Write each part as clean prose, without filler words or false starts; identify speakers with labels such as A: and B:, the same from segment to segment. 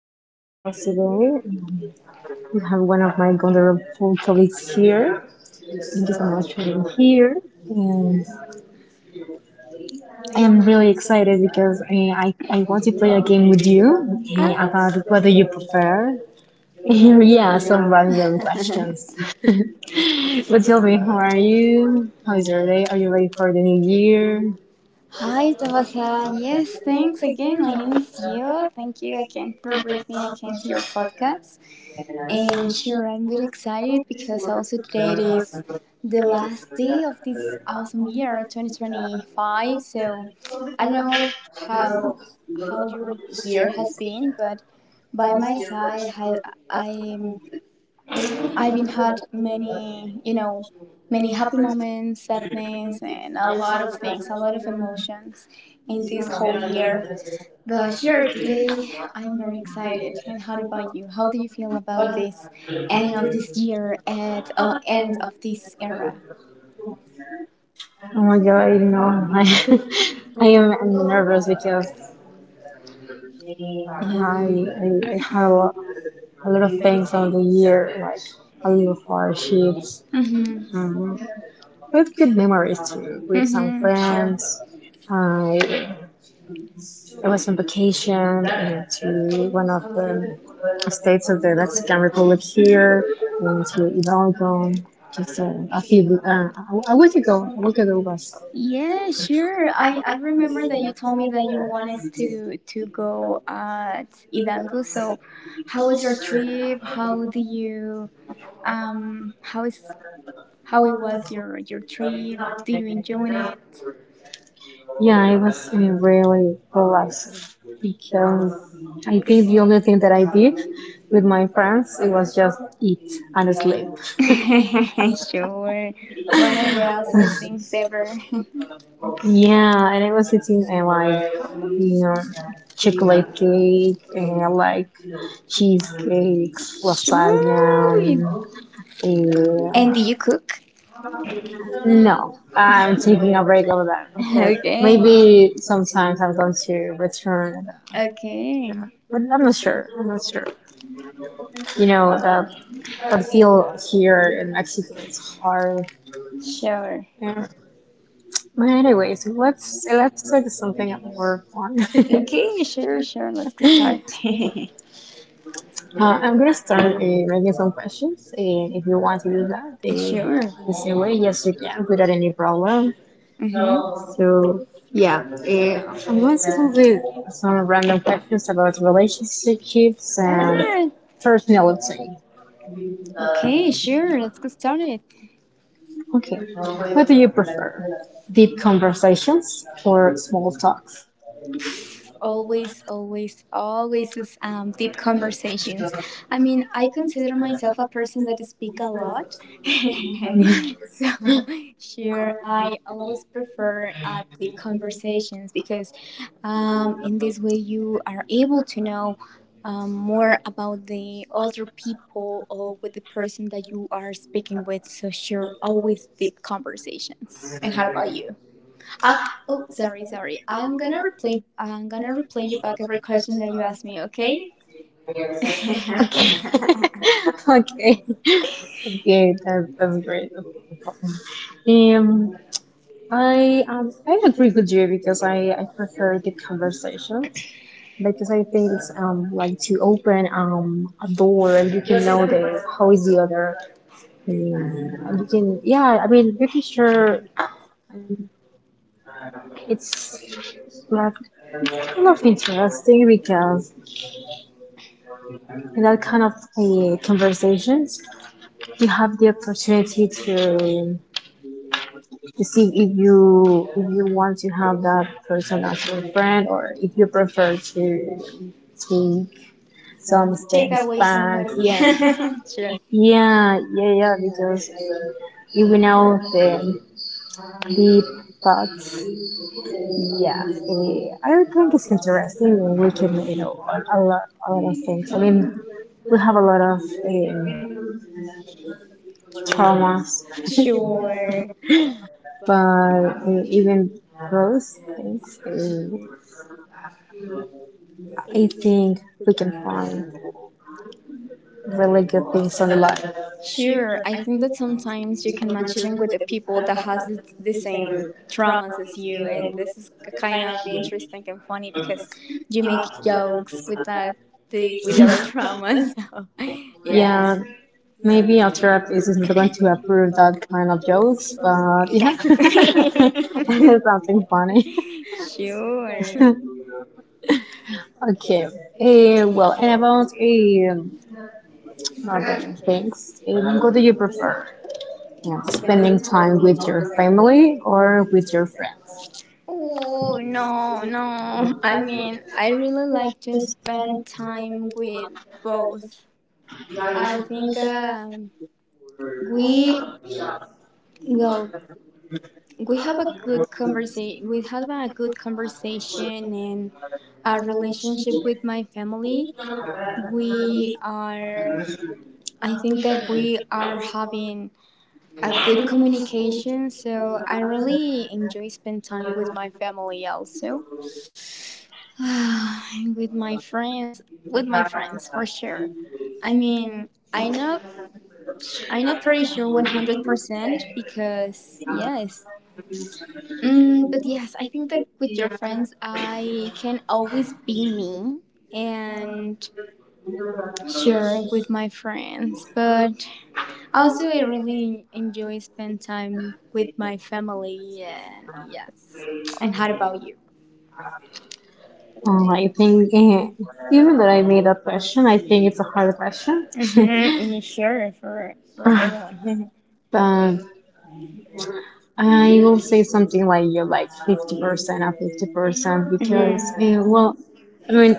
A: to our podcast today. We have one of my wonderful colleagues here. Thank you so much for being here. And I am really excited because I want to play a game with you about what do you prefer. Yeah, some random questions. But tell me, how are you? How is your day? Are you ready for the new year?
B: Hi, Tabasa. Yes, thanks again. My name is Gio. Thank you again for bringing me again to your podcast. And sure, I'm very excited because also today it is the last day of this awesome year, 2025. So I don't know how how your year has been, but by my side, I am I've been had many, many happy moments, sadness, and a lot of things, a lot of emotions in this whole year. But sure, today I'm very excited. And how about you? How do you feel about this end of this year and end of this era?
A: Oh my God, no. I, I'm nervous because I, I, I have a lot of things on the year, like a lot of hardships,
B: Mm-hmm.
A: um, with good memories too, with some
B: Mm-hmm. Sure.
A: friends. I, I was on vacation to one of the states of the Mexican Republic here, and to Hidalgo just a week ago. A week ago was,
B: Yeah, sure. I remember that you told me that you wanted to go at Hidalgo. So, how was your trip? How do you how is how it was your trip? Do you enjoy
A: yeah, it was really relaxing because I think the only thing that I did with my friends it was just eat and sleep.
B: it? Sure. One of the awesome things ever.
A: Yeah, and I was eating like you know, chocolate cake and like cheesecakes, lasagna.
B: Sure. And
A: And,
B: do you cook?
A: no, I'm taking a break of that. But
B: Okay.
A: maybe sometimes I'm going to return.
B: That. Okay.
A: That. But I'm not sure. I'm not sure. You know, the, the feel here in Mexico it's hard.
B: Sure.
A: Yeah. But anyways, let's talk something more fun.
B: Okay. Sure. Sure. Let's get started.
A: I'm gonna start making some questions. If you want to do that
B: Sure.
A: the same way, yes, you can without any problem. So I'm going to start with some random questions about relationships and personality.
B: Ah. Okay. Sure. Let's get started.
A: Okay, what do you prefer? Deep conversations or small talks?
B: Always is, deep conversations. I mean, I consider myself a person that speak a lot. So sure, I always prefer deep conversations because in this way you are able to know, more about the other people or with the person that you are speaking with. So sure, always deep conversations. And how about you? uh, oh, sorry, sorry. I'm
A: I'm
B: gonna
A: gonna replace
B: replay. I'm gonna
A: another
B: replay you back every question
A: question
B: that
A: that
B: you
A: you
B: asked
A: asked,
B: me. Okay?
A: okay? Okay. Okay, okay, that's great. Um, I agree with you because I prefer the conversations because I think it's like to open a door and you can know the how is the other um, you can yeah I mean you can share um, it's like kind of interesting because in that kind of conversations you have the opportunity to see if you want to have that person as your friend or if you prefer to take some
B: Take
A: things away
B: away
A: back.
B: somebody.
A: Someone. Yeah,
B: Sure,
A: yeah, yeah, yeah. Because even we know the deep thoughts, yeah, I think it's interesting. And we can a lot of things. I mean, we have a lot of um, traumas. Sure.
B: sure,
A: But even those things. Eh, I think we can find really good things on the life.
B: sure. I think that sometimes you can match even with the people that has the same traumas as you, and this is kind of interesting and funny because you make jokes with that the, with our traumas. So, yeah.
A: Yeah, maybe our therapist isn't going to approve that kind of jokes,
B: Jokes, but...
A: but yeah,
B: Yes.
A: it's something funny.
B: Sure.
A: Okay. Well, and about other things, what do you prefer? Yeah, spending time with your family or with your friends?
B: Oh, no, no. I mean, I really like to spend time with both. I think we, well, we have a good conversation. We have a good conversation and a relationship with my family. We are, I think that we are having a good communication. So I really enjoy spend time with my family also, and with my friends. With my friends for sure. I mean, I know, pretty sure 100% because yes. Mm, but yes, I think that with your friends, I can always be me and sure with my friends. But also, I really enjoy spend time with my family, and yes. And how about you?
A: I think even that I made that question, I think it's a hard question.
B: Mm-hmm. Yeah, sure for everyone.
A: But I will
B: I
A: say something like you're like 50% or
B: percent.
A: 50% because,
B: Hmm.
A: well, I mean,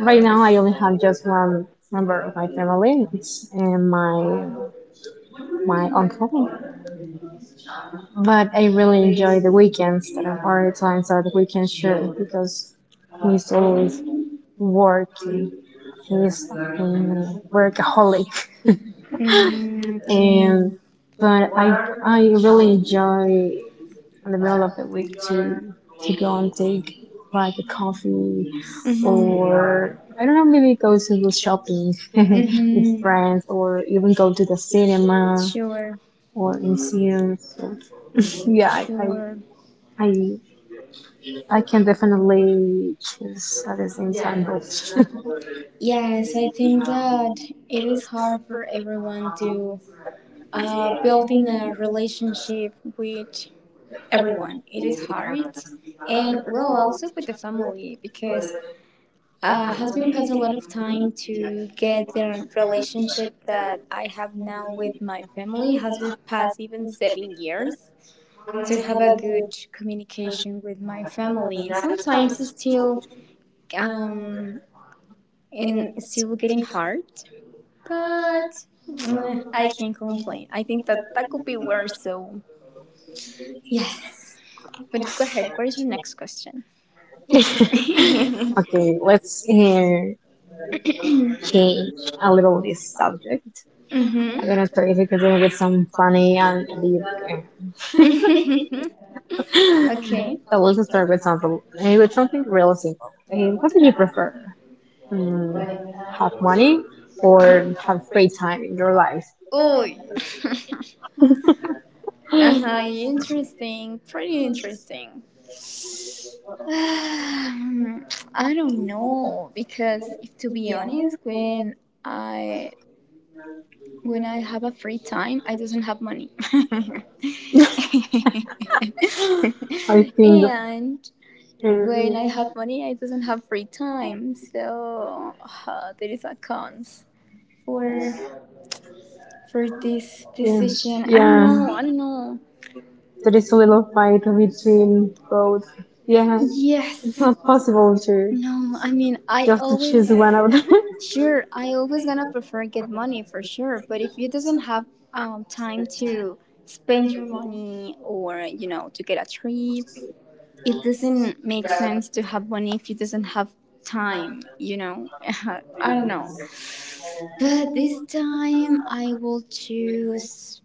A: right now I only have just one member of my family, it's my uncle. But I really enjoy the weekends that are hard times that the weekend sure because he's always working. He's a workaholic,
B: Okay.
A: and but I really enjoy in the middle of the week to go and take like a coffee
B: Mm-hmm.
A: or I don't know maybe go to the shopping with
B: Mm-hmm.
A: friends or even go to the cinema
B: Sure,
A: or museum. Yeah,
B: sure.
A: I, I can definitely choose at the same time both.
B: Yes, I think that it is hard for everyone to building a relationship with everyone. It is hard, and well, also with the family because has been passed a lot of time to get the relationship that I have now with my family. Has been past even 7 years to have a good communication with my family. Sometimes it's still um and it's still getting hard, but. I can't complain. I think that that could be worse, so yes. But go ahead. What is your next question?
A: Okay, let's hear change a little this subject. I'm
B: Mm-hmm.
A: gonna try if you can do it some funny and deep uh, I
B: Okay.
A: will just start with something with something real simple. What do you prefer? Mm, have money or have free time in your life?
B: Oh, uh huh. Interesting. Pretty interesting. I don't know because if to be honest, I when I have a free time, I doesn't have money.
A: I think
B: And when I have
A: eh,
B: money, I doesn't have free time. So there is a cons for for this
A: yeah,
B: decision. I don't
A: yeah,
B: know. I don't know.
A: there is a little fight between both.
B: Yes,
A: Yeah, it's
B: yes.
A: not possible to
B: No, I mean, I
A: just to
B: always
A: choose one of them.
B: sure, I always gonna prefer get money for sure. But if you doesn't have time to spend your money or you know to get a trip, it doesn't make sense to have money if you doesn't have time. You know, I don't know. But this time I will choose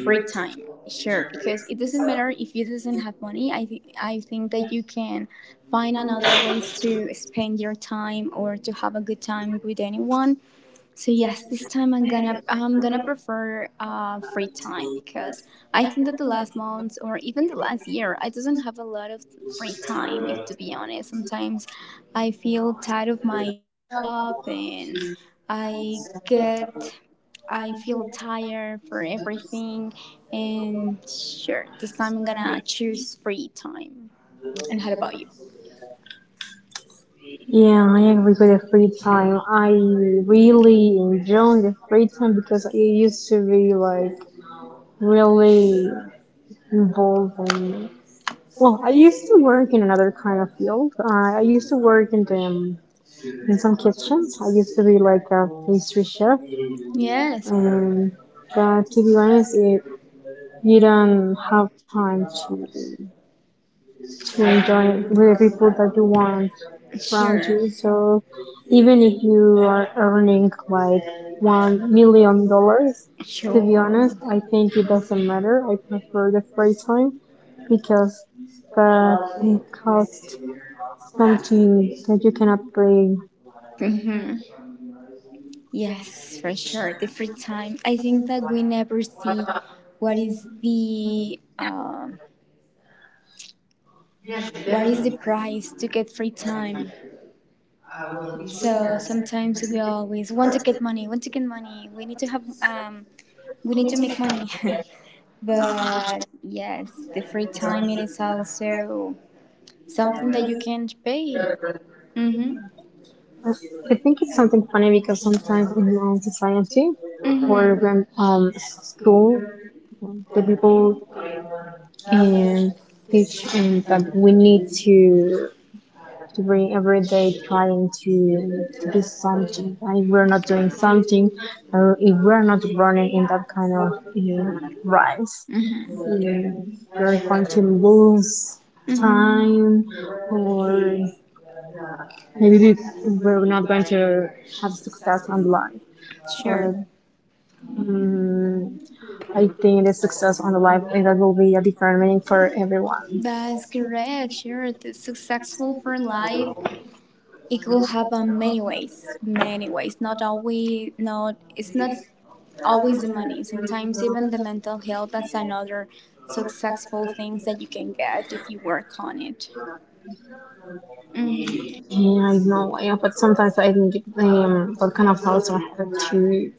B: free time. Sure, because it doesn't matter if you doesn't have money. I think that you can find another ways to spend your time or to have a good time with anyone. So yes, this time I'm gonna prefer free time because I think that the last months or even the last year I doesn't have a lot of free time. If to be honest, sometimes I feel tired of my job and I get I feel tired for everything. And sure, this time I'm gonna choose free time. And how about you?
A: Yeah, I agree with the free time. I really enjoy the free time because I used to be like really involved in. Well, I used to work in another kind of field. I used to work in some kitchens. I used to be like a pastry chef,
B: Yes,
A: and but to be honest, it, you don't have time to enjoy it with the people that you want around
B: sure.
A: you. So even if you are earning like $1 million, to be
B: Sure.
A: honest, I think it doesn't matter. I prefer the free time because that costs something that you cannot bring.
B: Time. Hmm. Yes, for sure. The free time. I think that we never see what is the uh what is the price to get free time. So sometimes we always want to get money, want to get money. We need to have we need to make money. But yes, the free time it is also something that you can't pay. Mhm.
A: I I think it's something funny because sometimes in my society or
B: Mhm.
A: when school, the people uh, teach that we need to bring every day trying to do something. And if we're not doing something, or if we're not running in that kind of rise,
B: Mhm.
A: uh, we're going to lose
B: Mhm.
A: time or maybe we're not going to have success on the live.
B: Sure.
A: Or, mm, I think the success on the live that will be a different meaning for everyone.
B: That's correct. Sure. The successful for life, it could happen many ways. Many ways. Not always, not, it's not always the money. Sometimes even the mental health, that's another successful things that you can get if you work on it. Mm-hmm.
A: Yeah, I know, yeah, but sometimes I think that kind of thoughts are hard to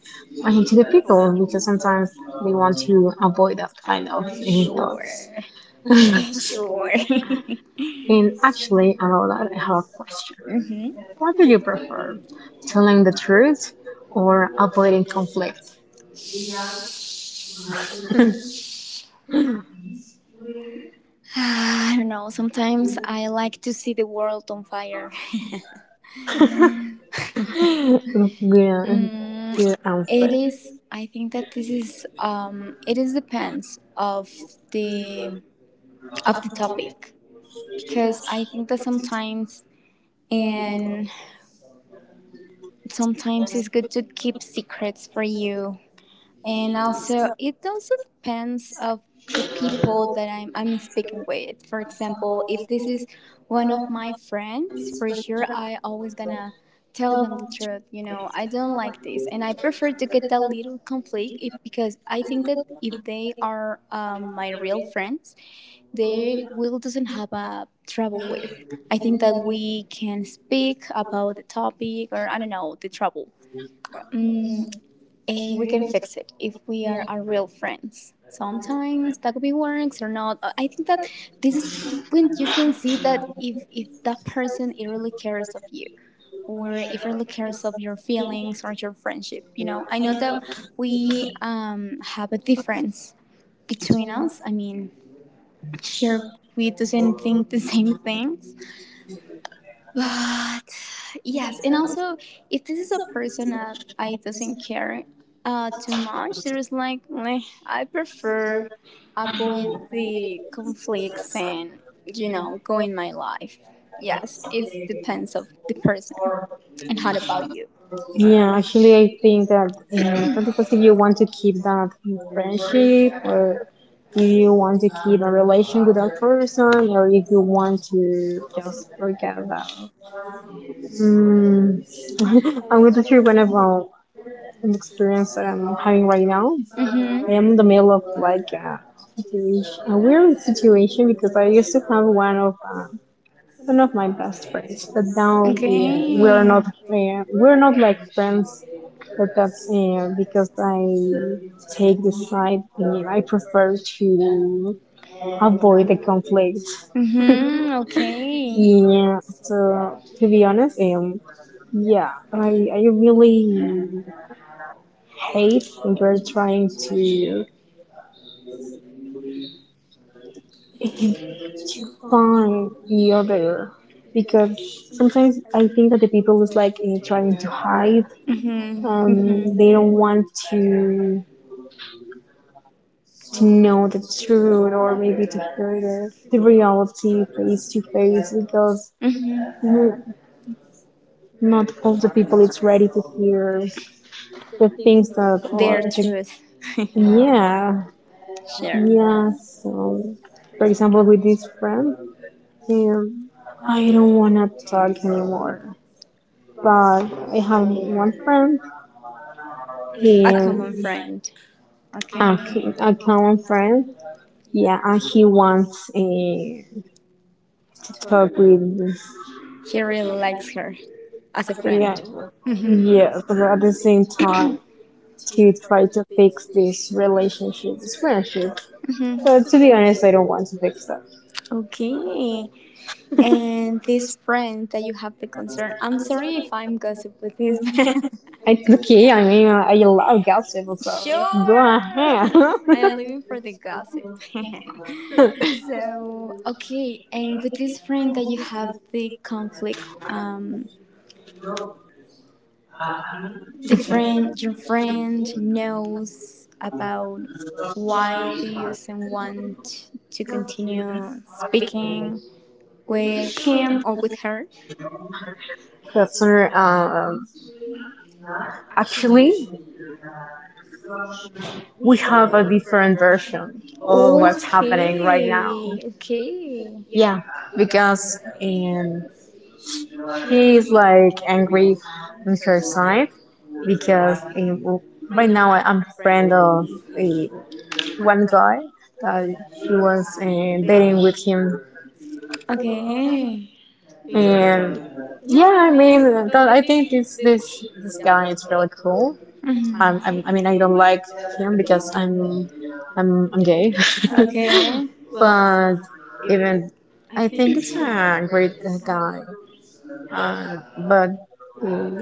A: I think to the people because sometimes they want to avoid that kind of
B: Sure.
A: thoughts.
B: Sure.
A: And actually, about that, I have a question.
B: Mm-hmm.
A: What do you prefer, telling the truth or avoiding conflict?
B: I don't know. Sometimes I like to see the world on fire.
A: Yeah, good
B: It
A: answer.
B: is. I think that this is. It is depends the of the topic because I think that sometimes and sometimes it's good to keep secrets for you and also it also depends of the people that I'm speaking with. For example, if this is one of my friends, for sure I always gonna tell them the truth. You know, I don't like this, and I prefer to get that little conflict if, because I think that if they are my real friends, they will doesn't have a trouble with. I think that we can speak about the topic or I don't know the trouble. Mm, and we can fix it if we are real friends. Sometimes that could be works or not. I think that this is when you can see that if that person it really cares of you, or if it really cares of your feelings or your friendship. You know, I know that we have a difference between us. I mean, sure, we doesn't think the same things, but yes, and also if this is a person that I doesn't care too much, there's like "Meh, I prefer avoid the conflicts and you know go in my life." Yes, it depends of the person. And how about you?
A: Yeah, actually, I think that 21st, if you want to keep that friendship, or if you want to keep a relation with that person, or if you want to just forget that. Mm, I'm going to share one about an experience that I'm having right now. I am in
B: Mm-hmm.
A: the middle of like a situation, a weird situation because I used to have one of my best friends, but now we're
B: Okay.
A: not we're not like friends. But that's because I take the side. I prefer to avoid the conflict.
B: Mm-hmm. Okay.
A: Yeah. So to be honest, yeah, I really hate when you're trying to to find the other because sometimes I think that the people is like trying to hide,
B: Hmm. Hmm.
A: they don't want to know the truth or maybe to hear the reality face to face because
B: Hmm.
A: not all the people is ready to hear the things that are
B: Their
A: the,
B: truth.
A: yeah,
B: Share.
A: yeah, so for example with this friend, um, I don't want to talk anymore. But I have one friend.
B: A common
A: He,
B: friend.
A: a,
B: Okay.
A: a common friend. Yeah, and he wants a to talk with.
B: He really likes her as a
A: Yeah,
B: friend.
A: yeah. But at the same time, to try to fix this relationship, this friendship. But to be honest, I don't want to fix that.
B: Okay. And this friend that you have the concern. I'm sorry if I'm gossip with this man.
A: Okay, I mean, I love gossip, so go
B: Sure.
A: ahead.
B: I am living for the gossip. So okay, and with this friend that you have the conflict, the friend your friend knows about why do you do want to continue speaking with him or with her?
A: That's our, actually, we have a different version of what's happening right now.
B: Okay, okay,
A: Yeah, because she's like angry on her side because right now I'm friend of eh, one guy that he was dating with him,
B: okay.
A: and yeah, I mean, that, I think this guy is really cool.
B: Mhm.
A: I mean, I don't like him because I'm gay,
B: Okay,
A: but even I think it's a great guy, but. mm,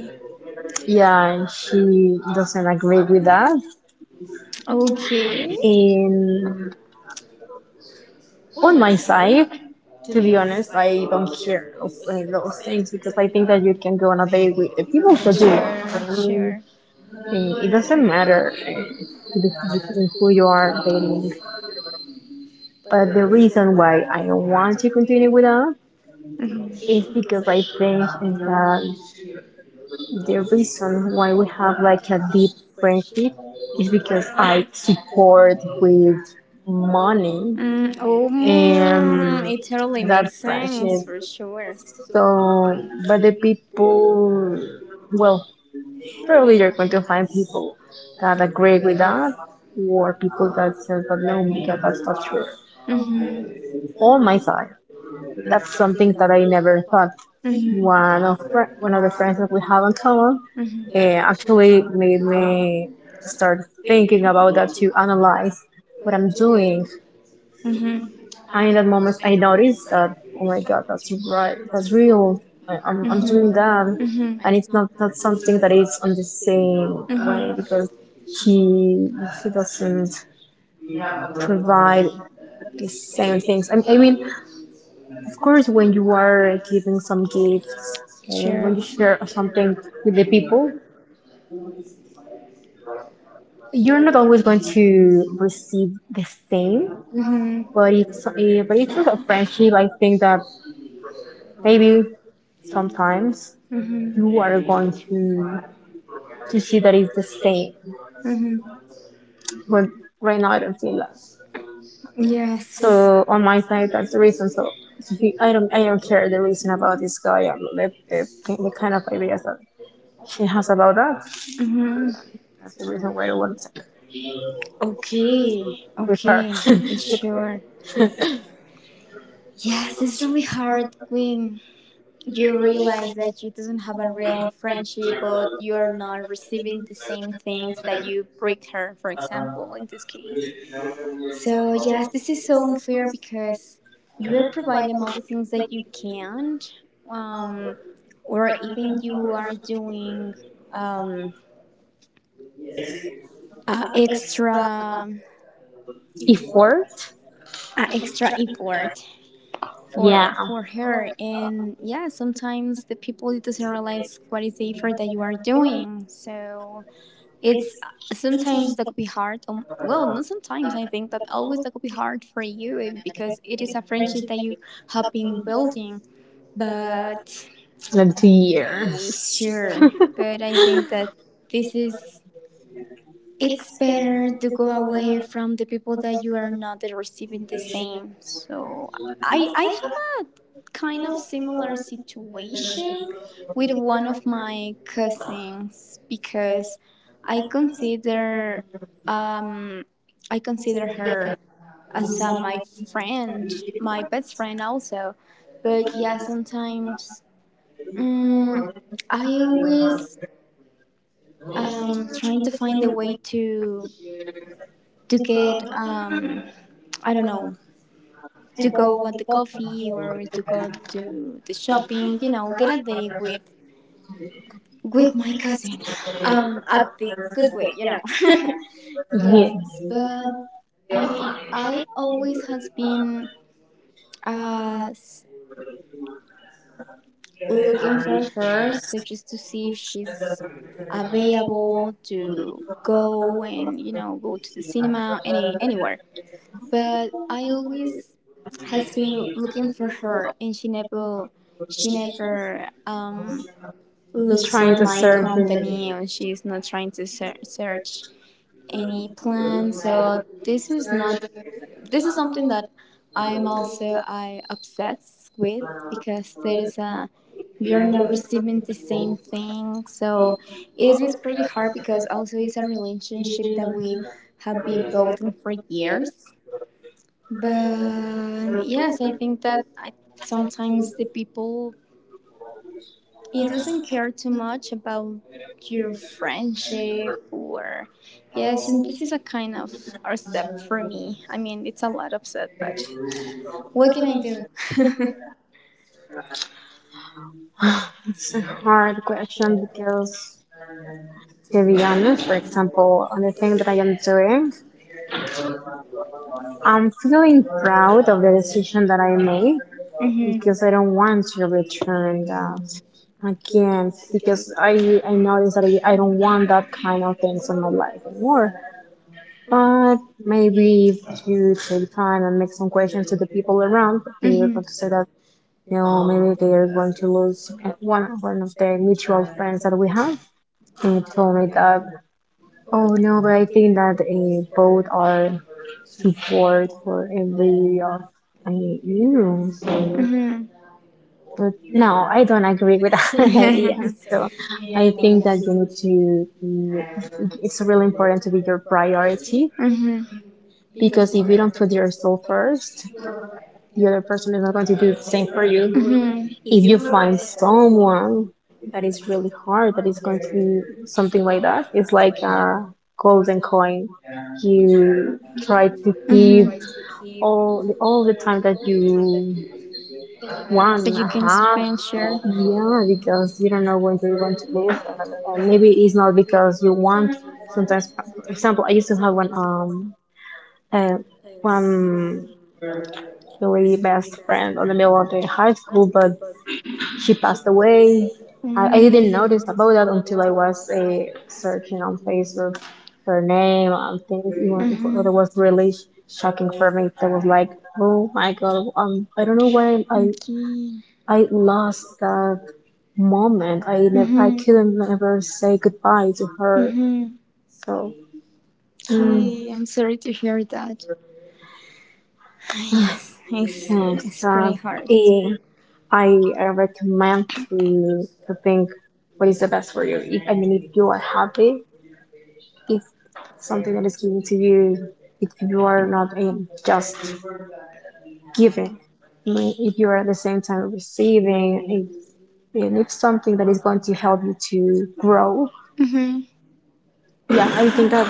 A: yeah, she doesn't agree with that,
B: okay.
A: and on my side, to
B: To
A: be
B: be
A: honest,
B: honest, I
A: I don't
B: don't
A: care
B: care
A: of any
B: if
A: those
B: those
A: things
B: things
A: because I think that you can go on a
B: they
A: date with
B: with the
A: the people
B: people.
A: that you want.
B: Sure,
A: I mean,
B: sure.
A: it doesn't matter the- who you are dating. But the reason why I don't want to continue with that
B: Mhm.
A: is because I think that the reason why we have like a deep friendship is because I support with money
B: Mm,
A: and
B: it totally
A: that friendship.
B: for sure.
A: So, but the people, well, probably you're going to find people that agree with that, or people that says that no, because that's not true.
B: Hmm.
A: On my side, that's something that I never thought.
B: Hmm.
A: One of the friends that we have in common
B: Hmm.
A: actually made me start thinking about that to analyze what I'm doing.
B: Hmm.
A: And in that moment, I noticed that, oh my God, that's right, that's real. I'm
B: Hmm.
A: doing that.
B: Hmm.
A: And it's not something that it's on the same way
B: Hmm.
A: because he, he doesn't provide the same things. I mean, of course, when you are giving some gifts, or when
B: Sure.
A: you share something with the people, you're not always going to receive the same,
B: Mhm.
A: but but it's a friendship. I think that maybe sometimes
B: Mhm.
A: you are going to see that it's the same.
B: Mhm.
A: But right now I don't feel that.
B: Yes.
A: So on my side, that's the reason. So I don't care the reason about this guy and the kind of ideas that she has about that.
B: Mhm.
A: That's the reason why I want to
B: Okay.
A: with her.
B: Okay. Sure. Yes, it's really hard when you realize that you doesn't have a real friendship, but you are not receiving the same things that you bring her, for example, in this case. So yes, this is so unfair because you will provide them all the things that you can't, um, or even you are doing um, a extra
A: Effort,
B: a extra effort
A: yeah,
B: for her. And yeah, sometimes the people it doesn't realize what is the effort that you are doing. So it's sometimes that could be hard. Well, not sometimes. I think that always that could be hard for you because it is a friendship that you have been building. But
A: like two years.
B: sure, but I think that this is it's better to go away from the people that you are not receiving the same. So I have a kind of similar situation with one of my cousins because I consider um I consider her as my friend, my best friend also. But yeah, sometimes, mm, I always trying to find a way to get I don't know to go at the coffee or to go to the shopping. You know, get a date with my cousin, at the good way. You know.
A: Yeah,
B: Yes, but I mean, I always has been uh looking for her, so just to see if she's available to go and you know go to the cinema any anywhere. But I always has been looking for her, and she never she never um, looks
A: trying
B: for
A: to
B: my
A: serve him.
B: company, or she's not trying to ser- search any plan. So this is not, this is something that I am also I obsessed with because there is a, we are not receiving the same thing. So it is pretty hard because also it's a relationship that we have been building for years. But yes, I think that sometimes the people it doesn't care too much about your friendship or yes, and this is a kind of upset for me. I mean, it's a lot upset, but what can I do?
A: It's a hard question because, to be honest, for example, on the thing that I am doing, I'm feeling proud of the decision that I made
B: Mhm.
A: because I
B: Mhm.
A: don't want to return that again because I noticed that I don't want that kind of things in my life anymore. But maybe if you take time and make some questions to the people around, they are going to say that maybe they are going to lose one of the mutual friends that we have. He told me that, "Oh no, but I think that both are support for every of you." So,
B: Mhm.
A: but no, I
B: Mhm.
A: don't agree with that idea.
B: Mhm. Mhm.
A: So, I think that you need to It's really important to be your priority,
B: Mm-hmm.
A: because if you don't put yourself first, the other person is not going to do the same for you. If you find someone that is really hard, that is going to be something like that. It's like a golden coin you try to keep all the time that you want
B: That.
A: and have. Yeah, because you don't know when you're going to leave, and maybe it's not because you want. Sometimes, for example, I used to have one uh, one really best friend on the middle of the high school, but she passed away. I,
B: Mm.
A: I didn't notice about that until I was searching on Facebook her name and things. Even if
B: Mhm.
A: it was really shocking for me. That was like, "Oh my god, I don't know why
B: Okay.
A: I lost that moment. I never, I
B: Mhm.
A: couldn't ever say goodbye to her."
B: Mhm. Um,
A: So. mm,
B: Okay. I'm sorry to hear that. Yes, it's
A: and
B: it's pretty hard.
A: eh, I recommend to think what is the best for you. If, I mean, if you are happy, if something that is given to you, if you are not just giving, I mean, if you are at the same time receiving, if and if something that is going to help you to grow,
B: Mm-hmm.
A: yeah, I think that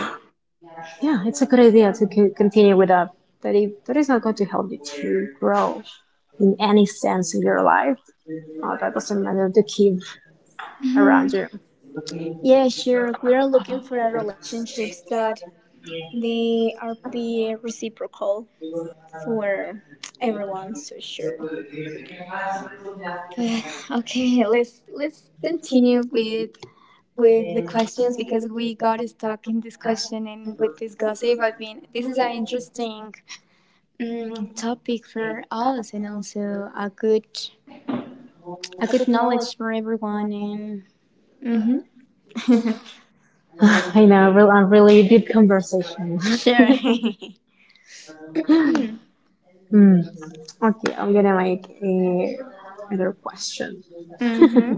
A: yeah, it's a good idea to continue with that. But if that is not going to help you to grow in any sense in your life, that doesn't matter to keep around you.
B: Yeah, sure. We are looking for relationships that they are be reciprocal for everyone. So sure. But okay, let's continue with the questions because we got stuck in this question and with this gossip. I mean, this is an interesting topic for us and also a good knowledge for everyone. And hmm.
A: I know, a really deep conversation.
B: Sure.
A: Mm. Okay, I'm gonna make a, another question.
B: Hmm.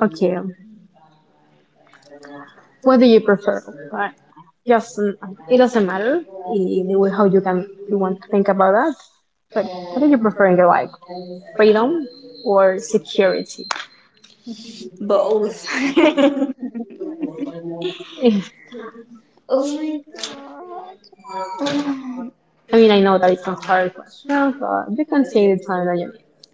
A: Okay, what do you prefer? Like, just it doesn't matter the way how you can you want to think about that. But what do you prefer in your life, freedom or security?
B: Both. Oh my god,
A: I mean, I know that it's a hard question, but you can take the time that you need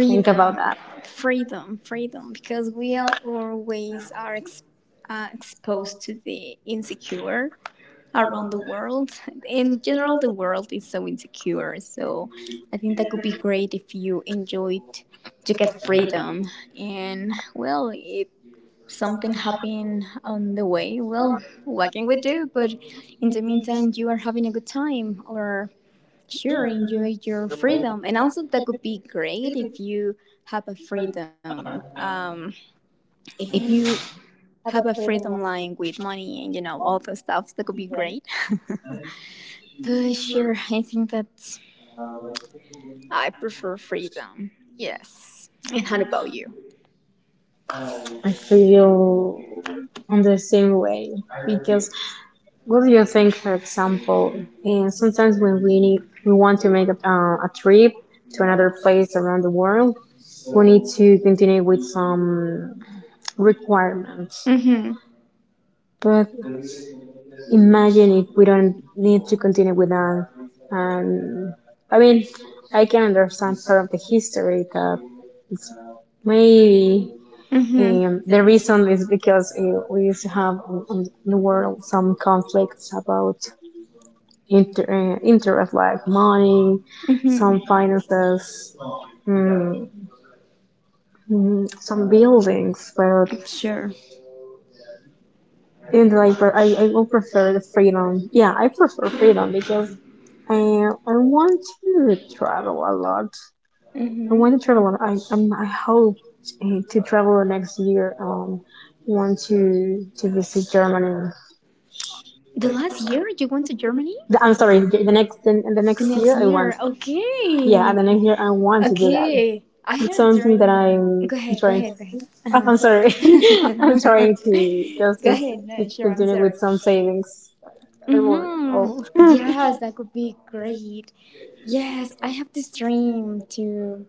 A: to think about that.
B: freedom, freedom, because we all always are exposed to the insecure around the world. In general, the world is so insecure. So I think that could be great if you enjoyed to get freedom. And well, if something happened on the way, well, what can we do? But in the meantime, you are having a good time or sure enjoy your freedom and also that could be great if you have a freedom if you have a freedom line with money and you know all those stuff that could be great. Sure, I think that I prefer freedom. Yes. And how about you?
A: I feel on the same way because what do you think, for example? And sometimes when we need, we want to make a trip to another place around the world, we need to continue with some requirements.
B: Mm-hmm.
A: But imagine if we don't need to continue with that. And I mean, I can understand part of the history that it's maybe
B: Mm-hmm.
A: the
B: There is.
A: reason is because we used to have on the world some conflicts about interest like money,
B: Mm-hmm.
A: some finances, mm,
B: Some
A: some
B: buildings.
A: buildings. But
B: Sure.
A: in the like, but I will prefer the freedom. Yeah, I prefer freedom because I want to travel a lot. I want to
B: Mm-hmm.
A: travel. A lot. I hope to travel next year. Want to visit Germany.
B: The last year you went to Germany?
A: I'm sorry. The
B: The
A: next
B: next
A: year I want.
B: year.
A: Yeah,
B: Okay.
A: the next year I want to do that.
B: Okay. I
A: It's
B: had a
A: something that
B: dream.
A: I'm
B: Go ahead, go
A: trying.
B: ahead, go ahead. Uh-huh.
A: Oh,
B: I'm
A: I'm sorry.
B: sorry.
A: I'm
B: I'm trying
A: trying to
B: to-
A: just
B: go
A: to,
B: ahead.
A: to
B: No, sure, I'm
A: continue
B: sorry.
A: with some savings. Don't worry.
B: Hmm.
A: Oh.
B: Yes, that could be great. Yes, I have this dream too.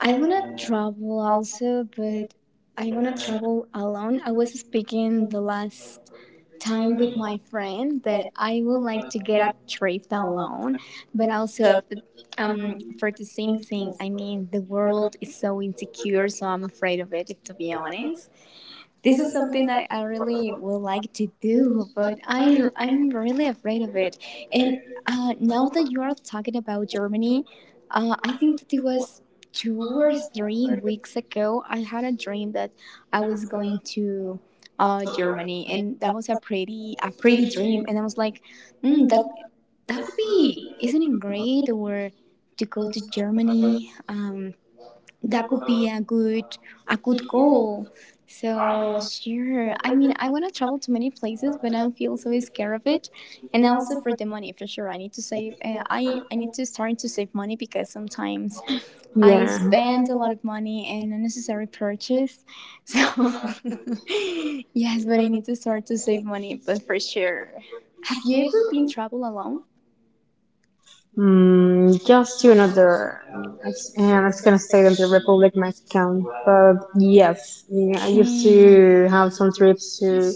B: I wanna travel also, but I wanna travel alone. I was speaking the last time with my friend that I would like to get a trip alone, but also for the same thing. I mean, the world is so insecure, so I'm afraid of it. To be honest, this is something I really would like to do, but I'm really afraid of it. And now that you are talking about Germany, I think that it was 2 or 3 weeks ago, I had a dream that I was going to Germany, and that was a pretty dream. And I was like, mm, that that could be isn't it great or to go to Germany? That could be a good goal. So sure. I mean, I want to travel to many places, but I feel so scared of it, and also for the money for sure. I need to save. I need to start to save money because sometimes I
A: Yeah.
B: spend a lot of money in unnecessary purchase. So yes, but I need to start to save money, but for sure. Have you ever been travel alone?
A: Mm, just to another. And it's gonna stay in the
B: Um,
A: Republic my account. But
B: Yes.
A: yes, yeah, I
B: Okay.
A: used to
B: Mm-hmm.
A: have some trips to.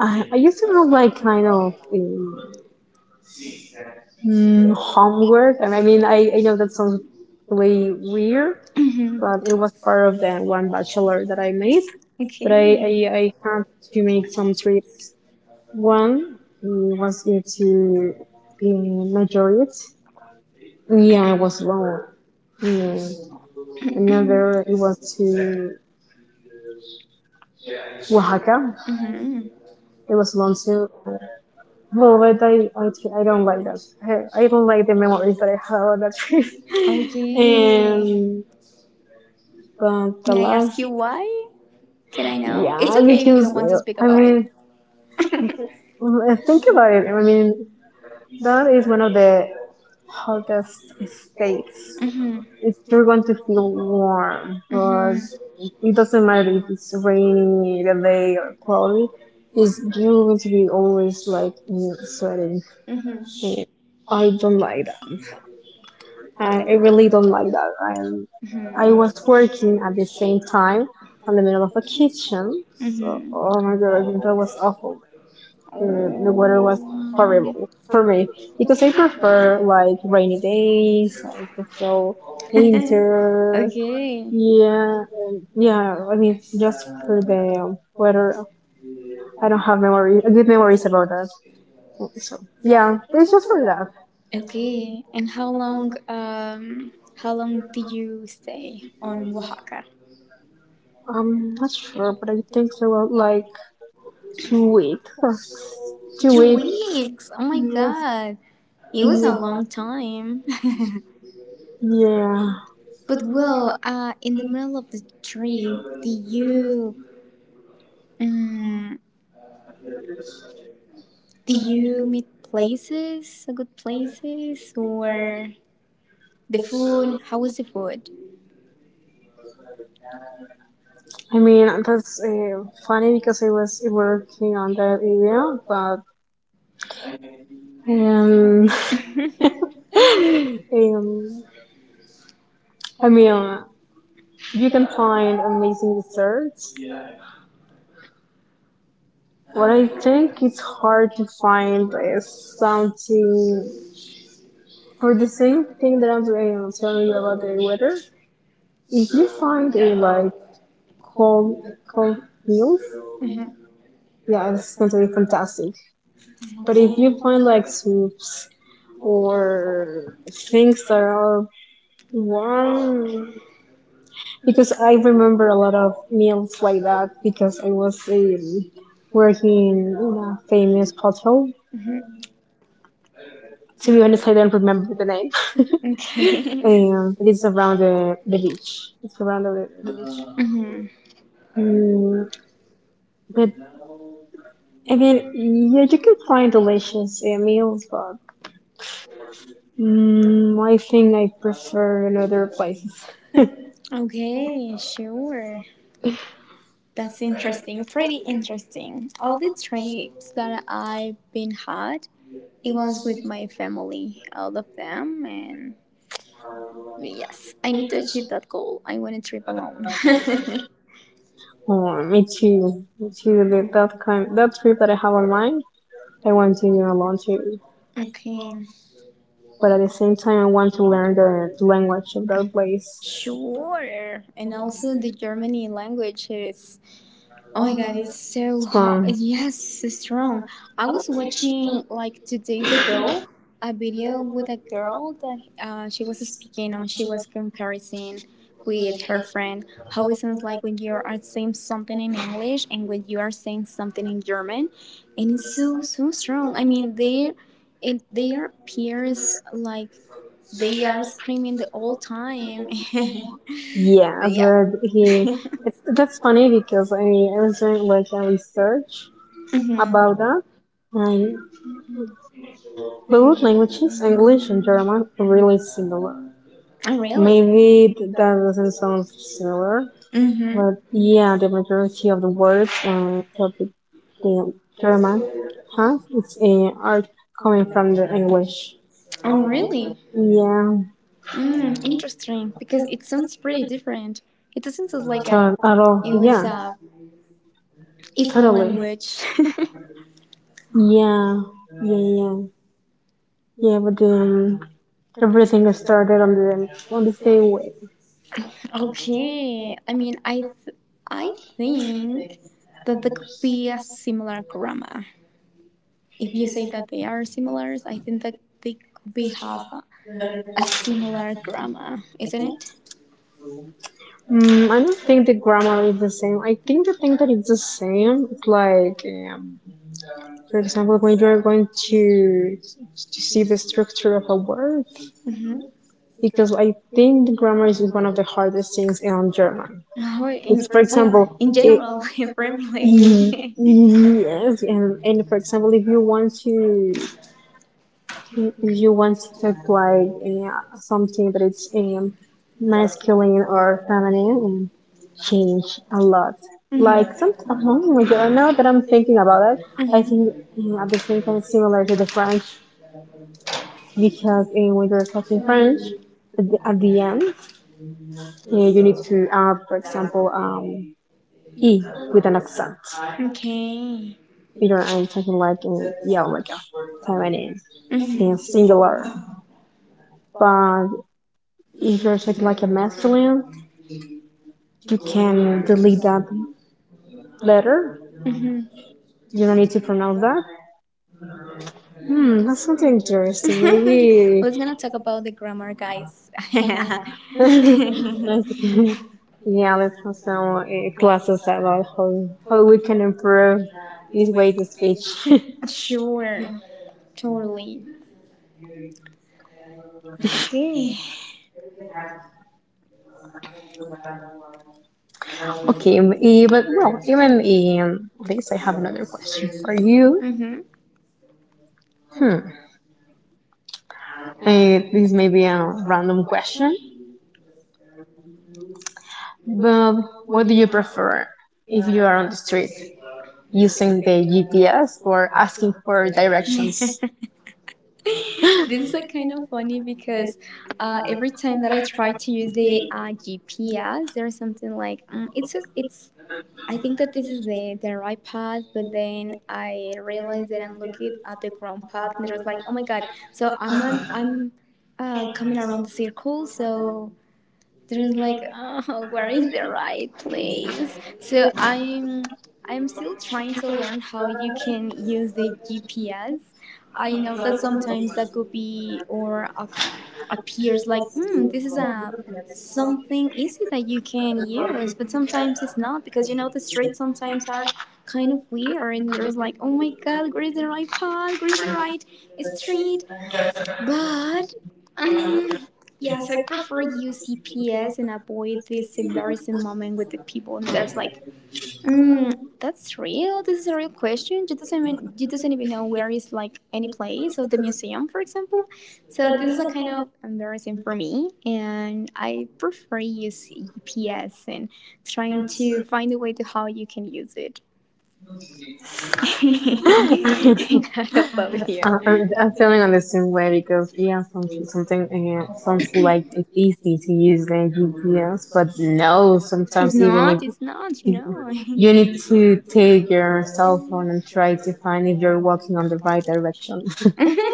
A: I used to have like kind of homework. And I mean, I know that sounds really weird, but it was part of the one bachelor that I made.
B: Okay.
A: But I, I,
B: Mm-hmm. Okay.
A: I had to make some trips. One was me to in Madrid. Yeah, I was wrong. Yeah. Another it was to Oaxaca. It was long too. Well, but I don't like that. I don't like the memories that I have on that trip. And but the
B: May I ask
A: last,
B: you why? Can I know?
A: yeah,
B: It's okay if you
A: because
B: don't want to speak
A: I
B: about it.
A: mean,
B: Mm-hmm.
A: think about it. I mean, that is one of the hottest states. It, you're going to feel warm, but
B: Mm-hmm.
A: it doesn't matter if it's rainy the day or cloudy. It's, you're going to be always like sweating.
B: Mm-hmm.
A: And I don't like that. I really don't like that. I am.
B: Mm-hmm.
A: I
B: I
A: was
B: was working
A: working at
B: at the
A: the same
B: state
A: time in
B: and
A: the middle of a
B: kids channel.
A: kitchen. So,
B: Mm-hmm.
A: oh my god, that was awful. The weather was horrible for me because I prefer
B: Oh.
A: like rainy days. I prefer winter.
B: Okay,
A: Yeah, and yeah. I mean, just for the weather, I don't have memory, good memories about that. So yeah, it's just for that.
B: okay. And how long? How long did you stay on Oaxaca?
A: I'm not sure, but I think it was like 2 weeks, two
B: Two
A: weeks.
B: weeks. Oh my
A: Yes.
B: god, it was a
A: Yeah.
B: long time.
A: Yeah,
B: But well, in the middle of the trip, um, did you meet places, good places, or the food? How was the food?
A: I mean that's funny because I was working on that area, but Um, um, I mean, you can find amazing desserts. What I think it's hard to find is something for the same thing that I'm telling you about the weather. If you find a like cold cold meal,
B: Mhm,
A: yeah, it's going to be fantastic. But if you find like soups or things that are warm, because I remember a lot of meals like that because I was working in a famous hotel.
B: mhm.
A: To be honest, I don't remember the name.
B: Okay.
A: But it's around the beach. It's around the beach.
B: Mhm.
A: Mm, but I mean, yeah, you can find delicious meals, but I think I prefer another place.
B: Okay, sure. That's interesting. Pretty interesting. All the trips that I've been had, it was with my family, all of them, and yes, I need to achieve that goal. I want to trip alone.
A: Oh, me too. Me too. That that kind, that trip that I have on mind, I want to go alone too.
B: Okay,
A: But at the same time, I want to learn the language of that place.
B: sure. And also, the Germany language is oh my god, it's so hot.
A: So
B: Yes, it's strong. I was watching like 2 days ago a video with a girl that she was speaking and she was comparing with her friend how it sounds like when you are saying something in English and when you are saying something in German, and it's so so strong. I mean, they are peers like they are screaming the whole time.
A: yeah,
B: But yeah.
A: so he. That's funny because I was doing like a research, mm-hmm,
B: Mhm.
A: about that, and both languages, English and German, are really
B: Not.
A: similar.
B: Oh, really?
A: Maybe that doesn't sound similar,
B: Mm-hmm.
A: but yeah, the majority of the words that the German has it's are coming from the English.
B: Oh, really?
A: Yeah,
B: Interesting. Because it sounds pretty different. It doesn't sound like a,
A: at all.
B: it was
A: Yeah,
B: a equal
A: totally.
B: language.
A: Yeah, yeah, yeah, yeah. But everything is started on the same way.
B: Okay. I mean, I think that there could be a similar grammar. If you say that they are similar, I think that they could be have a similar grammar, isn't it?
A: Mm, I don't think the grammar is the same. I think the thing that is the same is like, um, for example, when you are going to see the structure of a word,
B: Mm-hmm.
A: because I think the grammar is one of the hardest things in German.
B: Oh,
A: It's
B: in,
A: for
B: for example, oh,
A: example,
B: in
A: it,
B: general, French language.
A: yes, and for example, if you want to, you want to talk like something that it's masculine or feminine and change a lot. Like some. Oh
B: Mhm.
A: my god, now that I'm thinking about it, I think
B: Mhm.
A: at the same time it's similar to the French because when you're talking French, at the end you need to add, for example, e with an accent.
B: Okay.
A: You're talking like yeah, like a feminine
B: Mhm.
A: and singular. But if you're talking like a masculine, you can delete that letter.
B: Mhm.
A: You don't need to pronounce that. Hmm, that's something interesting. Maybe.
B: We're gonna talk about the grammar, guys.
A: Yeah, let's have some classes about how we can improve this way to speech.
B: Sure. Totally. Okay.
A: Okay, but well, even in this, I have another question for you.
B: Mhm.
A: Hmm. This may be a random question, but what do you prefer if you are on the street? Using the GPS or asking for directions.
B: This is like kind of funny because every time that I try to use the GPS, there's something like it's a, it's I think that this is the right path, but then I realized that I'm looking at the wrong path, and it was like, oh my god! So I'm coming around the circle. So there's like oh, where is the right place? So I'm still trying to learn how you can use the GPS. I know that sometimes that could be or appears like this is a something easy that you can use, but sometimes it's not because you know the streets sometimes are kind of weird, and there's like oh my god, where is the right path, where is the right street. But um, yeah, so I prefer use CPS and avoid this embarrassing moment with the people. And there's like, mm, that's real. This is a real question. You doesn't even know where is like any place or the museum, for example. So this is a kind of embarrassing for me, and I prefer use GPS and trying to find a way to how you can use it.
A: I- I'm, I'm feeling on the same way because yeah, some, something sounds like it's easy to use the GPS, but no, sometimes even
B: It's not,
A: if
B: no.
A: you need to take your cell phone and try to find if you're walking on the right direction.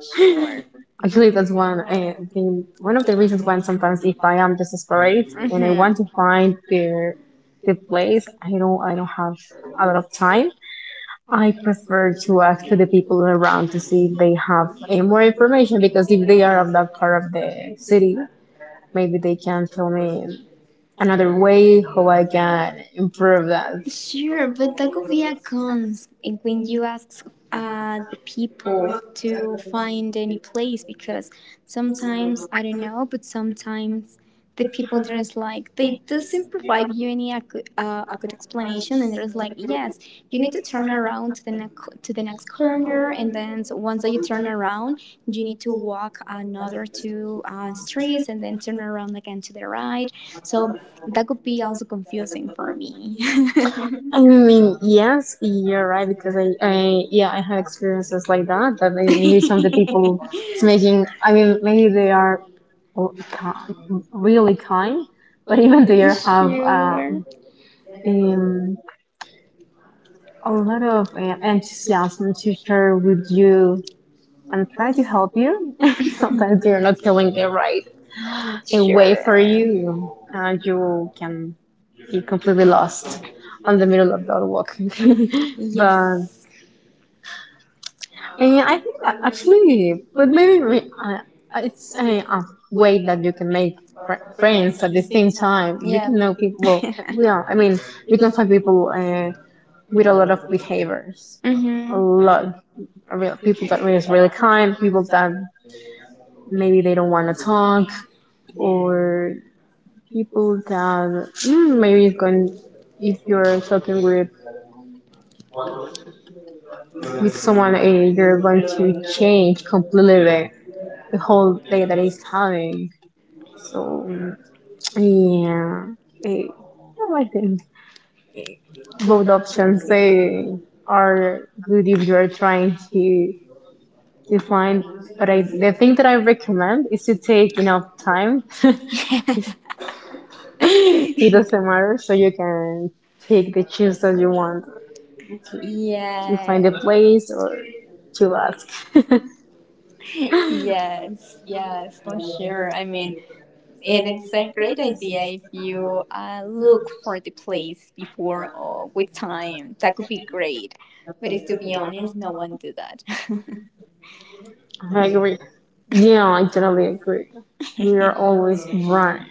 B: Sure.
A: Actually, that's one, I think one of the reasons why sometimes if I am desperate and I want to find the place, I don't have a lot of time. I prefer to ask to the people around to see if they have any more information because if they are of that part of the city, maybe they can tell me another way how I can improve that.
B: Sure, but that could be a cons. And when you ask the people to find any place, because sometimes I don't know, but sometimes the people there's like they doesn't provide you any a good explanation, and there's like yes, you need to turn around to the next corner, and then so once that you turn around you need to walk another two streets and then turn around again to the right, so that could be also confusing for me.
A: I mean, yes, you're right because I yeah, I had experiences like that, but maybe some of the people it's making. I mean, maybe they are ki- really kind, but even they are have um, a lot of enthusiasm to share with you and try to help you. Sometimes they're not feeling the right way for
B: Sure.
A: you, and you can be completely lost on the middle of the walk. But yeah, I think that actually, but it's a way that you can make friends at the same time. You can know people. Well, yeah, I mean, you can find people. With a lot of behaviors, a
B: Hmm.
A: lot of people that are really kind, people that maybe they don't want to talk, or people that maybe it's going if you're talking with someone you're going to change completely the whole day that is having so yeah eh, well, I think both options they are good if you're trying to find, but the thing that I recommend is to take enough time. It doesn't matter, so you can pick the choose that you want to find a
B: Yes,
A: place or to ask.
B: yes, yes, for sure. I mean, it is a great idea if you look for the place before or with time. That could be great. But if to be honest, no one do that.
A: I agree. Yeah, I totally agree. We are always running.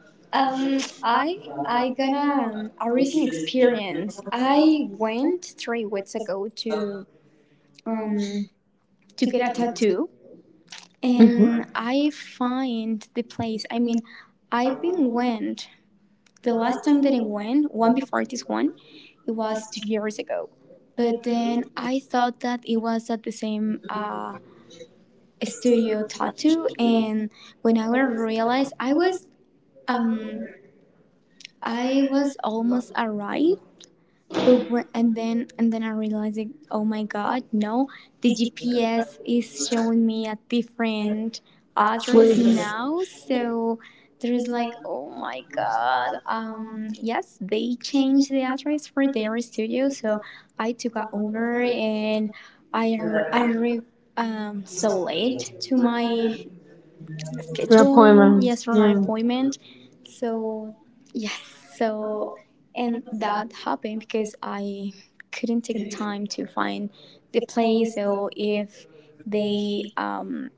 B: I got a recent experience. I went 3 weeks ago um to get a tattoo,
A: Mhm.
B: and I find the place. I mean, I've been went the last time that I went, one before this one, it was 2 years ago. But then I thought that it was at the same studio tattoo, and when I realized I was um almost arrived, but when, and then I realized, like, oh my god, no! The GPS is showing me a different address
A: Please,
B: now. So there's like, oh my god. Yes, they changed the address for their studio. So I took a Uber and I I arrived so late to my
A: your
B: schedule,
A: appointment.
B: yes, for my
A: Yeah.
B: appointment, so yes, so, and that happened because I couldn't take the time to find the place, so they um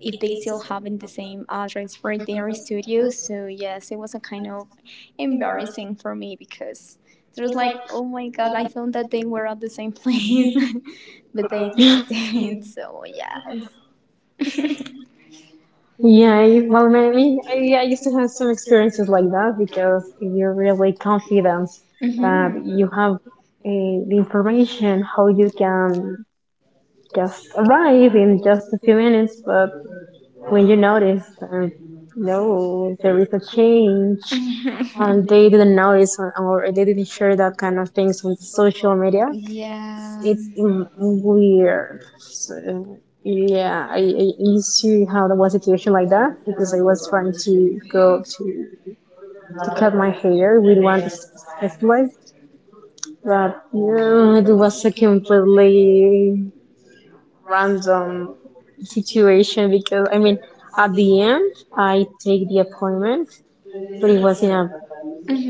B: if they still having the same address for their studio, so yes, it was a kind of embarrassing for me because it was like oh my god, I thought that they were at the same place but they didn't, so yes.
A: Well, I mean, I used to have some experiences like that because you're really confident that
B: Mhm.
A: you have the information how you can just arrive in just a few minutes, but when you notice that no, there is a change and they
B: Mhm.
A: didn't notice or they didn't share that kind of things on social media. It
B: Yeah.
A: weird. So, yeah, I used to have one situation like that because I was trying to go to cut my hair with one slice, but yeah, it was a completely random situation because I mean. At the end, I take the appointment, but it was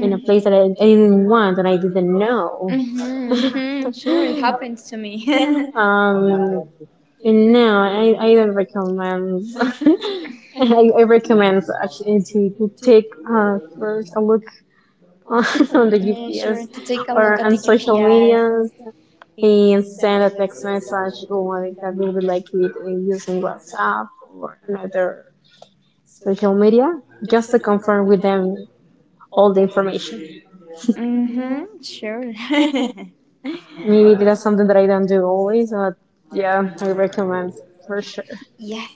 A: in a place that I didn't want and I didn't
B: Don't.
A: know.
B: Mhm. Mhm. Sure, it happens to me.
A: um, and now, I don't recommend. I recommend actually to take first a look on the
B: Yeah,
A: UPS
B: sure. To take a
A: or
B: look at
A: on
B: the
A: social
B: UPI.
A: media, and send a text message or like that will be like with using WhatsApp or another social media, just to confirm with them all the information.
B: Mhm. Sure.
A: Maybe that's something that I don't do always, but yeah, I recommend for sure.
B: Yes.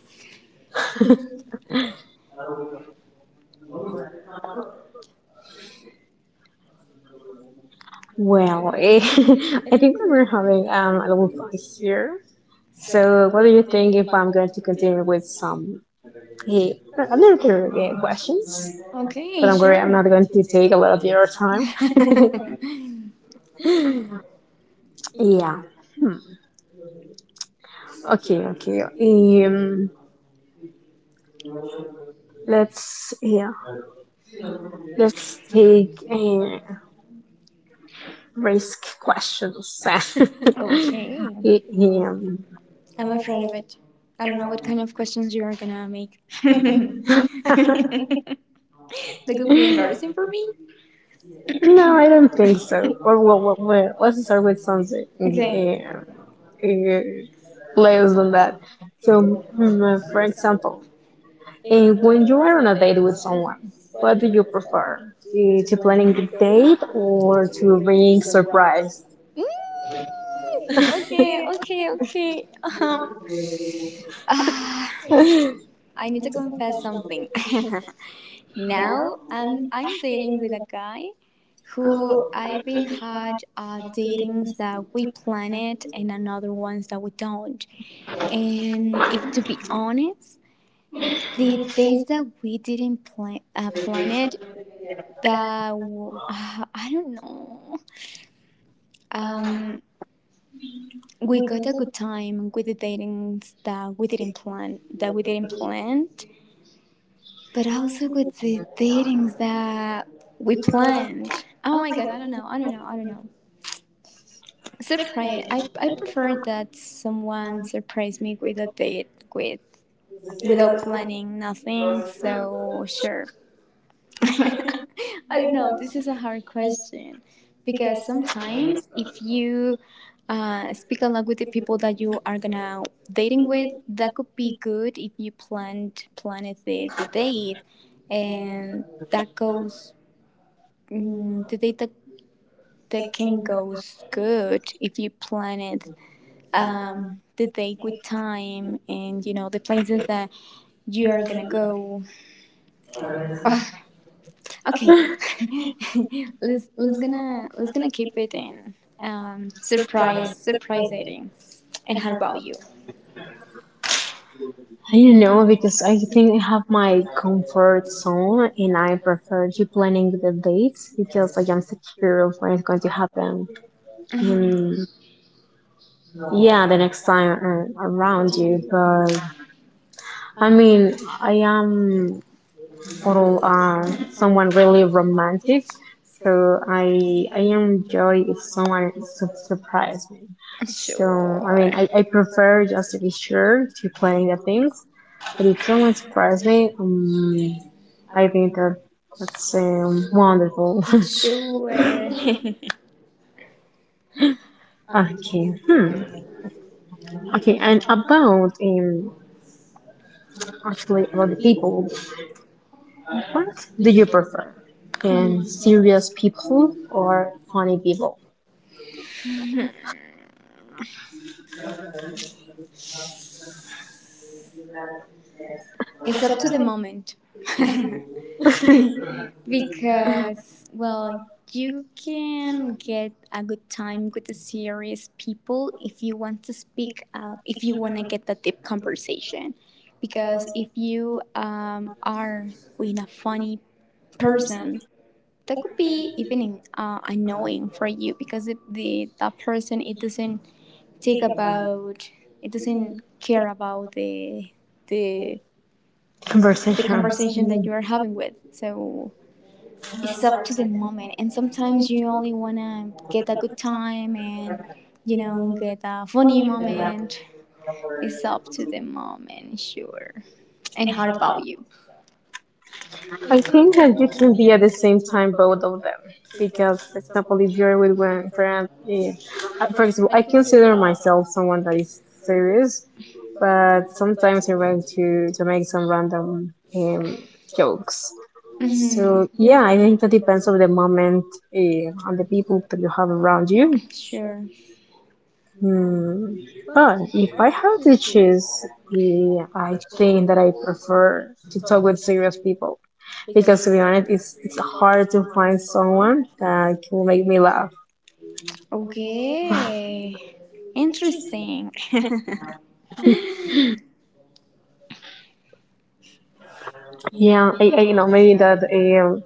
A: Well, I think that we're having a little fun here. So, what do you think if I'm going to continue with some eh, other questions? But
B: Okay.
A: I'm worried I'm
B: Sure.
A: not going to take a lot of your time. Yeah. Hmm. Okay. Okay. Um, let's yeah. Let's take risk questions.
B: Okay.
A: Um.
B: I'm afraid of it. I don't know what kind of questions you are gonna make. That could be embarrassing for me.
A: No, I don't think so. Or what? What? What, let's start with something
B: Okay.
A: yeah, yeah, less than that. So, for example, when you are on a date with someone, what do you prefer? To planning the date or to being surprised?
B: Okay, okay, okay. Ah,
A: I
B: I need to confess something. Now, I'm dating with a guy who I've been had datings that we plan it and another ones that we don't. And if to be honest, the days that we didn't plan it, that uh, I don't know. Um, we got a good time with the datings that we didn't plan but also with the datings that we planned. Oh my god, I don't know. Surprise. I prefer that someone surprise me with a date without planning nothing, so sure. I don't know. This is a hard question because sometimes if you speak a lot with the people that you are gonna dating with, that could be good if you planned the date, and that goes the date that can goes good if you plan it, the date with time and the places that you are gonna go. Ugh, okay, let's gonna keep it in surprise ratings. And how about you?
A: don't know, because I think I have my comfort zone and I prefer to planning the dates because I am secure of what is going to happen.
B: Hmm.
A: And yeah, the next time around you, but I mean, I am total someone really romantic, so I enjoy if someone surprise me. So I
B: Sure,
A: mean, I prefer just to be sure to plan the things, but if someone surprise me, I think that that's wonderful.
B: sure.
A: Okay. Hmm. Okay. And about actually about the people. What do you prefer? And serious people or funny people?
B: It's up to the moment. Because, well, you can get a good time with the serious people if you want to speak up, if you want to get a deep conversation. Because if you are with a funny person, that could be even annoying for you, because if the that person, take about it doesn't care about the the
A: Conversation.
B: conversation that you are having with, so it's up to the moment, and sometimes you only want to get a good time and get a funny moment. It's up to the moment, sure. And how about you?
A: I think that you can be at the same time both of them. Because, for example, if you're with one friend, for example, I consider myself someone that is serious, but sometimes I want to make some random jokes. So
B: Hmm.
A: yeah, I think that depends on the moment on the people that you have around you.
B: Sure.
A: Hmm. But if I have to choose, I think that I prefer to talk with serious people because, to be honest, it's hard to find someone that can make me laugh.
B: Okay, interesting. Mm-hmm.
A: Yeah, I you know maybe that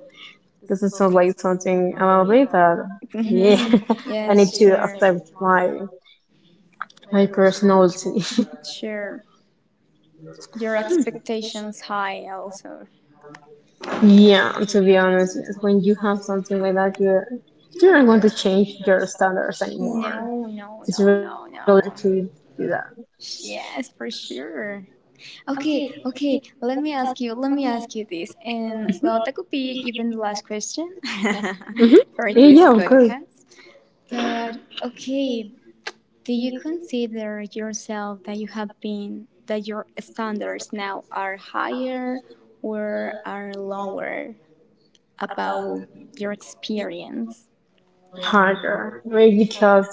A: doesn't sound like something about me but yeah.
B: Yeah,
A: I need to
B: sure. So.
A: accept my my personality.
B: Sure. Your expectations high also.
A: Yeah, to be honest, yes. When you have something like that, you're not going to change your standards anymore.
B: No, no,
A: It's
B: no,
A: really
B: no, no.
A: hard to do that.
B: Yes, for sure. Okay, okay. Let me ask you this, and well, that could be even the last question
A: Hmm.
B: for, yeah,
A: Yeah,
B: this
A: yeah, of course,
B: podcast. But okay, do you consider yourself that your standards now are higher or are lower about your experience?
A: harder. Right? Because,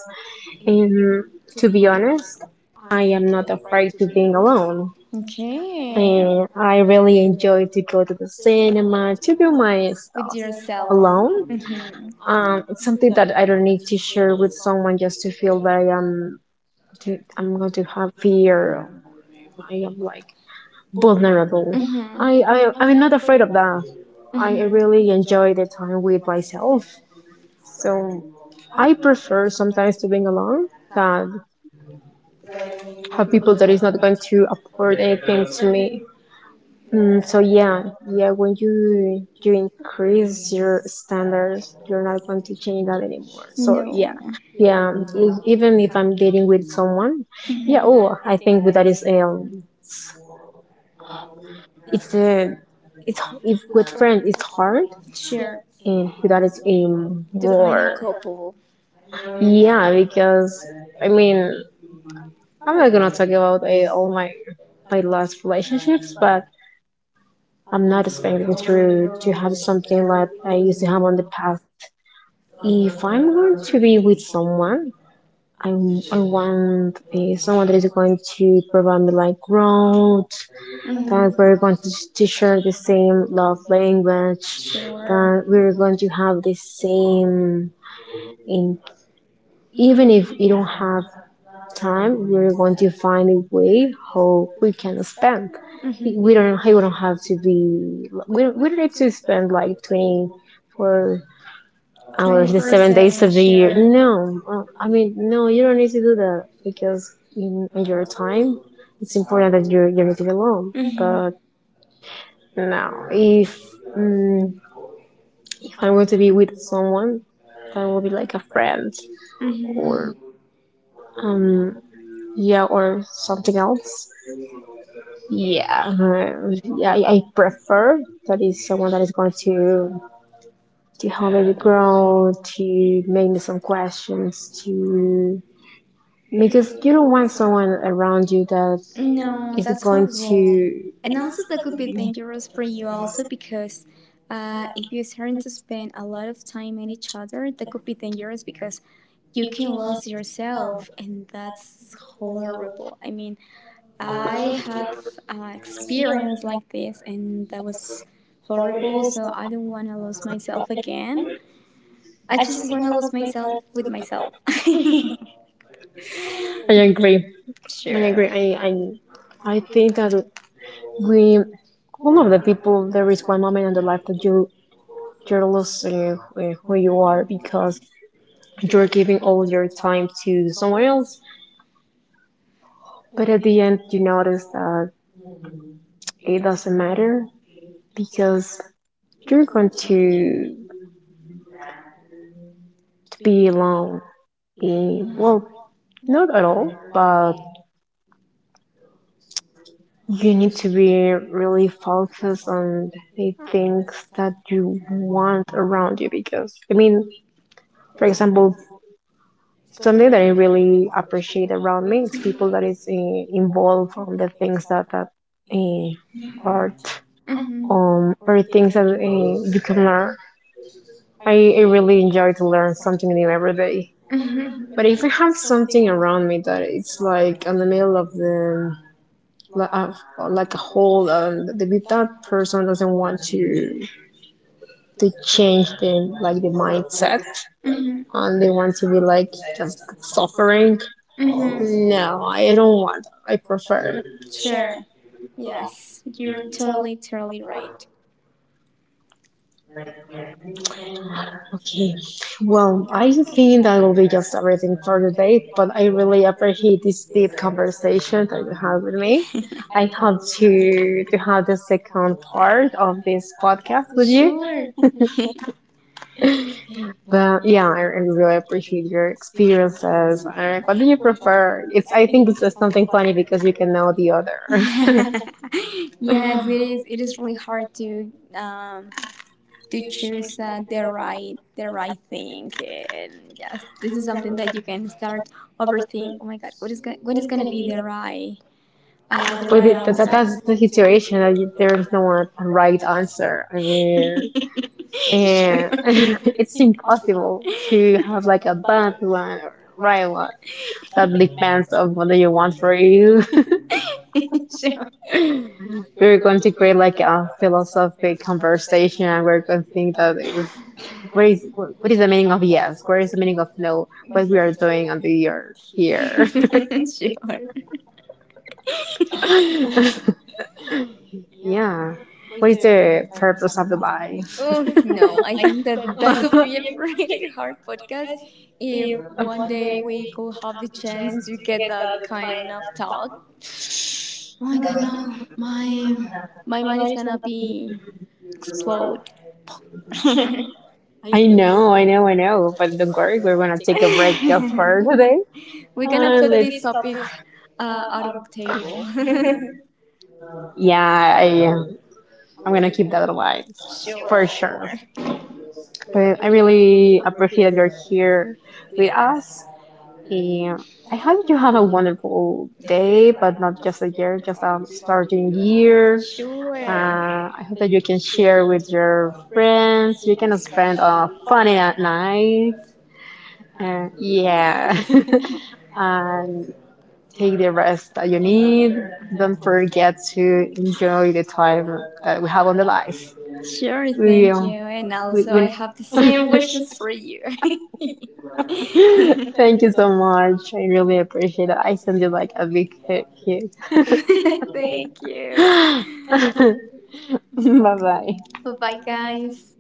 A: um, to be honest, I am not afraid to being alone.
B: Okay.
A: And I really enjoy to go to the cinema, to do my stuff
B: With yourself.
A: alone.
B: Mm-hmm.
A: It's something that I don't need to share with someone just to feel that I am to, I'm going to have fear I am like vulnerable.
B: Mm-hmm.
A: I'm not afraid of that. I
B: Mm-hmm.
A: really enjoy the time with myself. So I prefer sometimes to being alone than have people that is not going to afford anything to me. So yeah, yeah. When you increase your standards, you're not going to change that anymore. So yeah,
B: No.
A: yeah. Even if I'm dating with someone, yeah.
B: Mhm.
A: Oh, I think that is it's a it's if with friends it's hard
B: Sure.
A: and without it's even
B: Define a
A: more
B: couple.
A: yeah because I mean, I'm not gonna talk about all my my last relationships, but I'm not expecting to have something like I used to have on the past. If I'm going to be with someone, I want someone that is going to provide me like growth,
B: Hmm.
A: that we're going to share the same love language,
B: Sure.
A: that we're going to have the same in even if you don't have time, we're going to find a way how we can spend.
B: Hmm.
A: We don't have to be we don't, We don't need to spend like 24 hours the
B: 24
A: 7 days of
B: 7.
A: the year.
B: Sure.
A: No, I mean no, you don't need to do that because in your time, it's important that you need to be alone.
B: Hmm.
A: But now, if mm if I'm going to be with someone, that will be like a friend or
B: Hmm.
A: um yeah or something else. Yeah, uh, yeah. I prefer that is someone that is going to help me grow, to make me some questions, to because you don't want someone around you that
B: No,
A: is
B: that's
A: going
B: horrible. You.
A: to.
B: And also, that could be dangerous for you, also, because if you start to spend a lot of time at each other, that could be dangerous because you can lose yourself, and that's horrible. I mean, I had an experience like this, and that was horrible, so I don't want to lose myself again. I just want to lose myself with myself.
A: I agree. I
B: Sure.
A: agree. I think that we one of the people, there is one moment in the life that you're losing who you are because you're giving all your time to someone else. But at the end, you notice that it doesn't matter because you're going to be alone. In, well, not at all, but you need to be really focused on the things that you want around you because, I mean, for example, something that I really appreciate around me. It's people that is involved on the things that uh, art
B: Mhm.
A: or things that you can learn. I really enjoy to learn something new every day. But
B: Mm-hmm.
A: if I have something around me that it's like in the middle of the like a hole, and that person doesn't want to change the like the mindset,
B: Mm-hmm.
A: and they want to be like just suffering.
B: Mm-hmm.
A: No, I don't want that. I
B: Prefer.
A: prefer.
B: Sure. Yes, you're totally, totally right.
A: Okay, well, I think that will be just everything for today, but I really appreciate this deep conversation that you had with me. I hope to have the second part of this podcast with you.
B: Sure.
A: But yeah, I really appreciate your experiences. What do you prefer? It's I think it's just something funny because you can know the other.
B: Yes, it is. It is really hard to choose the right thing, and yes, this is something that you can start overthink. Oh my God, what is gonna be the
A: But
B: right
A: it,
B: answer?
A: that's the situation that you, there is no one right answer. I mean,
B: Sure.
A: and it's impossible to have like a bad one or right one. That depends on what you want for you.
B: Sure.
A: We're going to create like a philosophic conversation, and we're going to think that if, is what is the meaning of yes? What is the meaning of no? What we are doing on the earth here?
B: Here. Sure.
A: Yeah. What is the purpose of the life?
B: Oh no, I think that that could be a pretty hard podcast if one day we could have the chance to get that kind of talk. Oh my god, no, my mind is gonna be explode. I know.
A: I know, I know, I know. But don't worry,
B: A
A: we're gonna take a break just for
B: break.
A: today.
B: We're gonna
A: We're going
B: put this
A: let's.
B: topic out of the table.
A: Yeah, I am. I'm gonna keep that in mind
B: Sure,
A: for sure.
B: sure.
A: But I really appreciate you're here with us, and I hope you have a wonderful day. But not just a year, just a starting year.
B: Sure.
A: I hope that you can share with your friends. You can spend a funny night uh, yeah. And take the rest that you need. Don't forget to enjoy the time that we have on the life.
B: Sure,
A: We, uh,
B: thank you. And
A: we,
B: also, I
A: we...
B: have the same wishes for you.
A: Thank you so much. I really appreciate it. I send you like a big hug here.
B: Thank you.
A: Bye bye.
B: Bye bye, guys.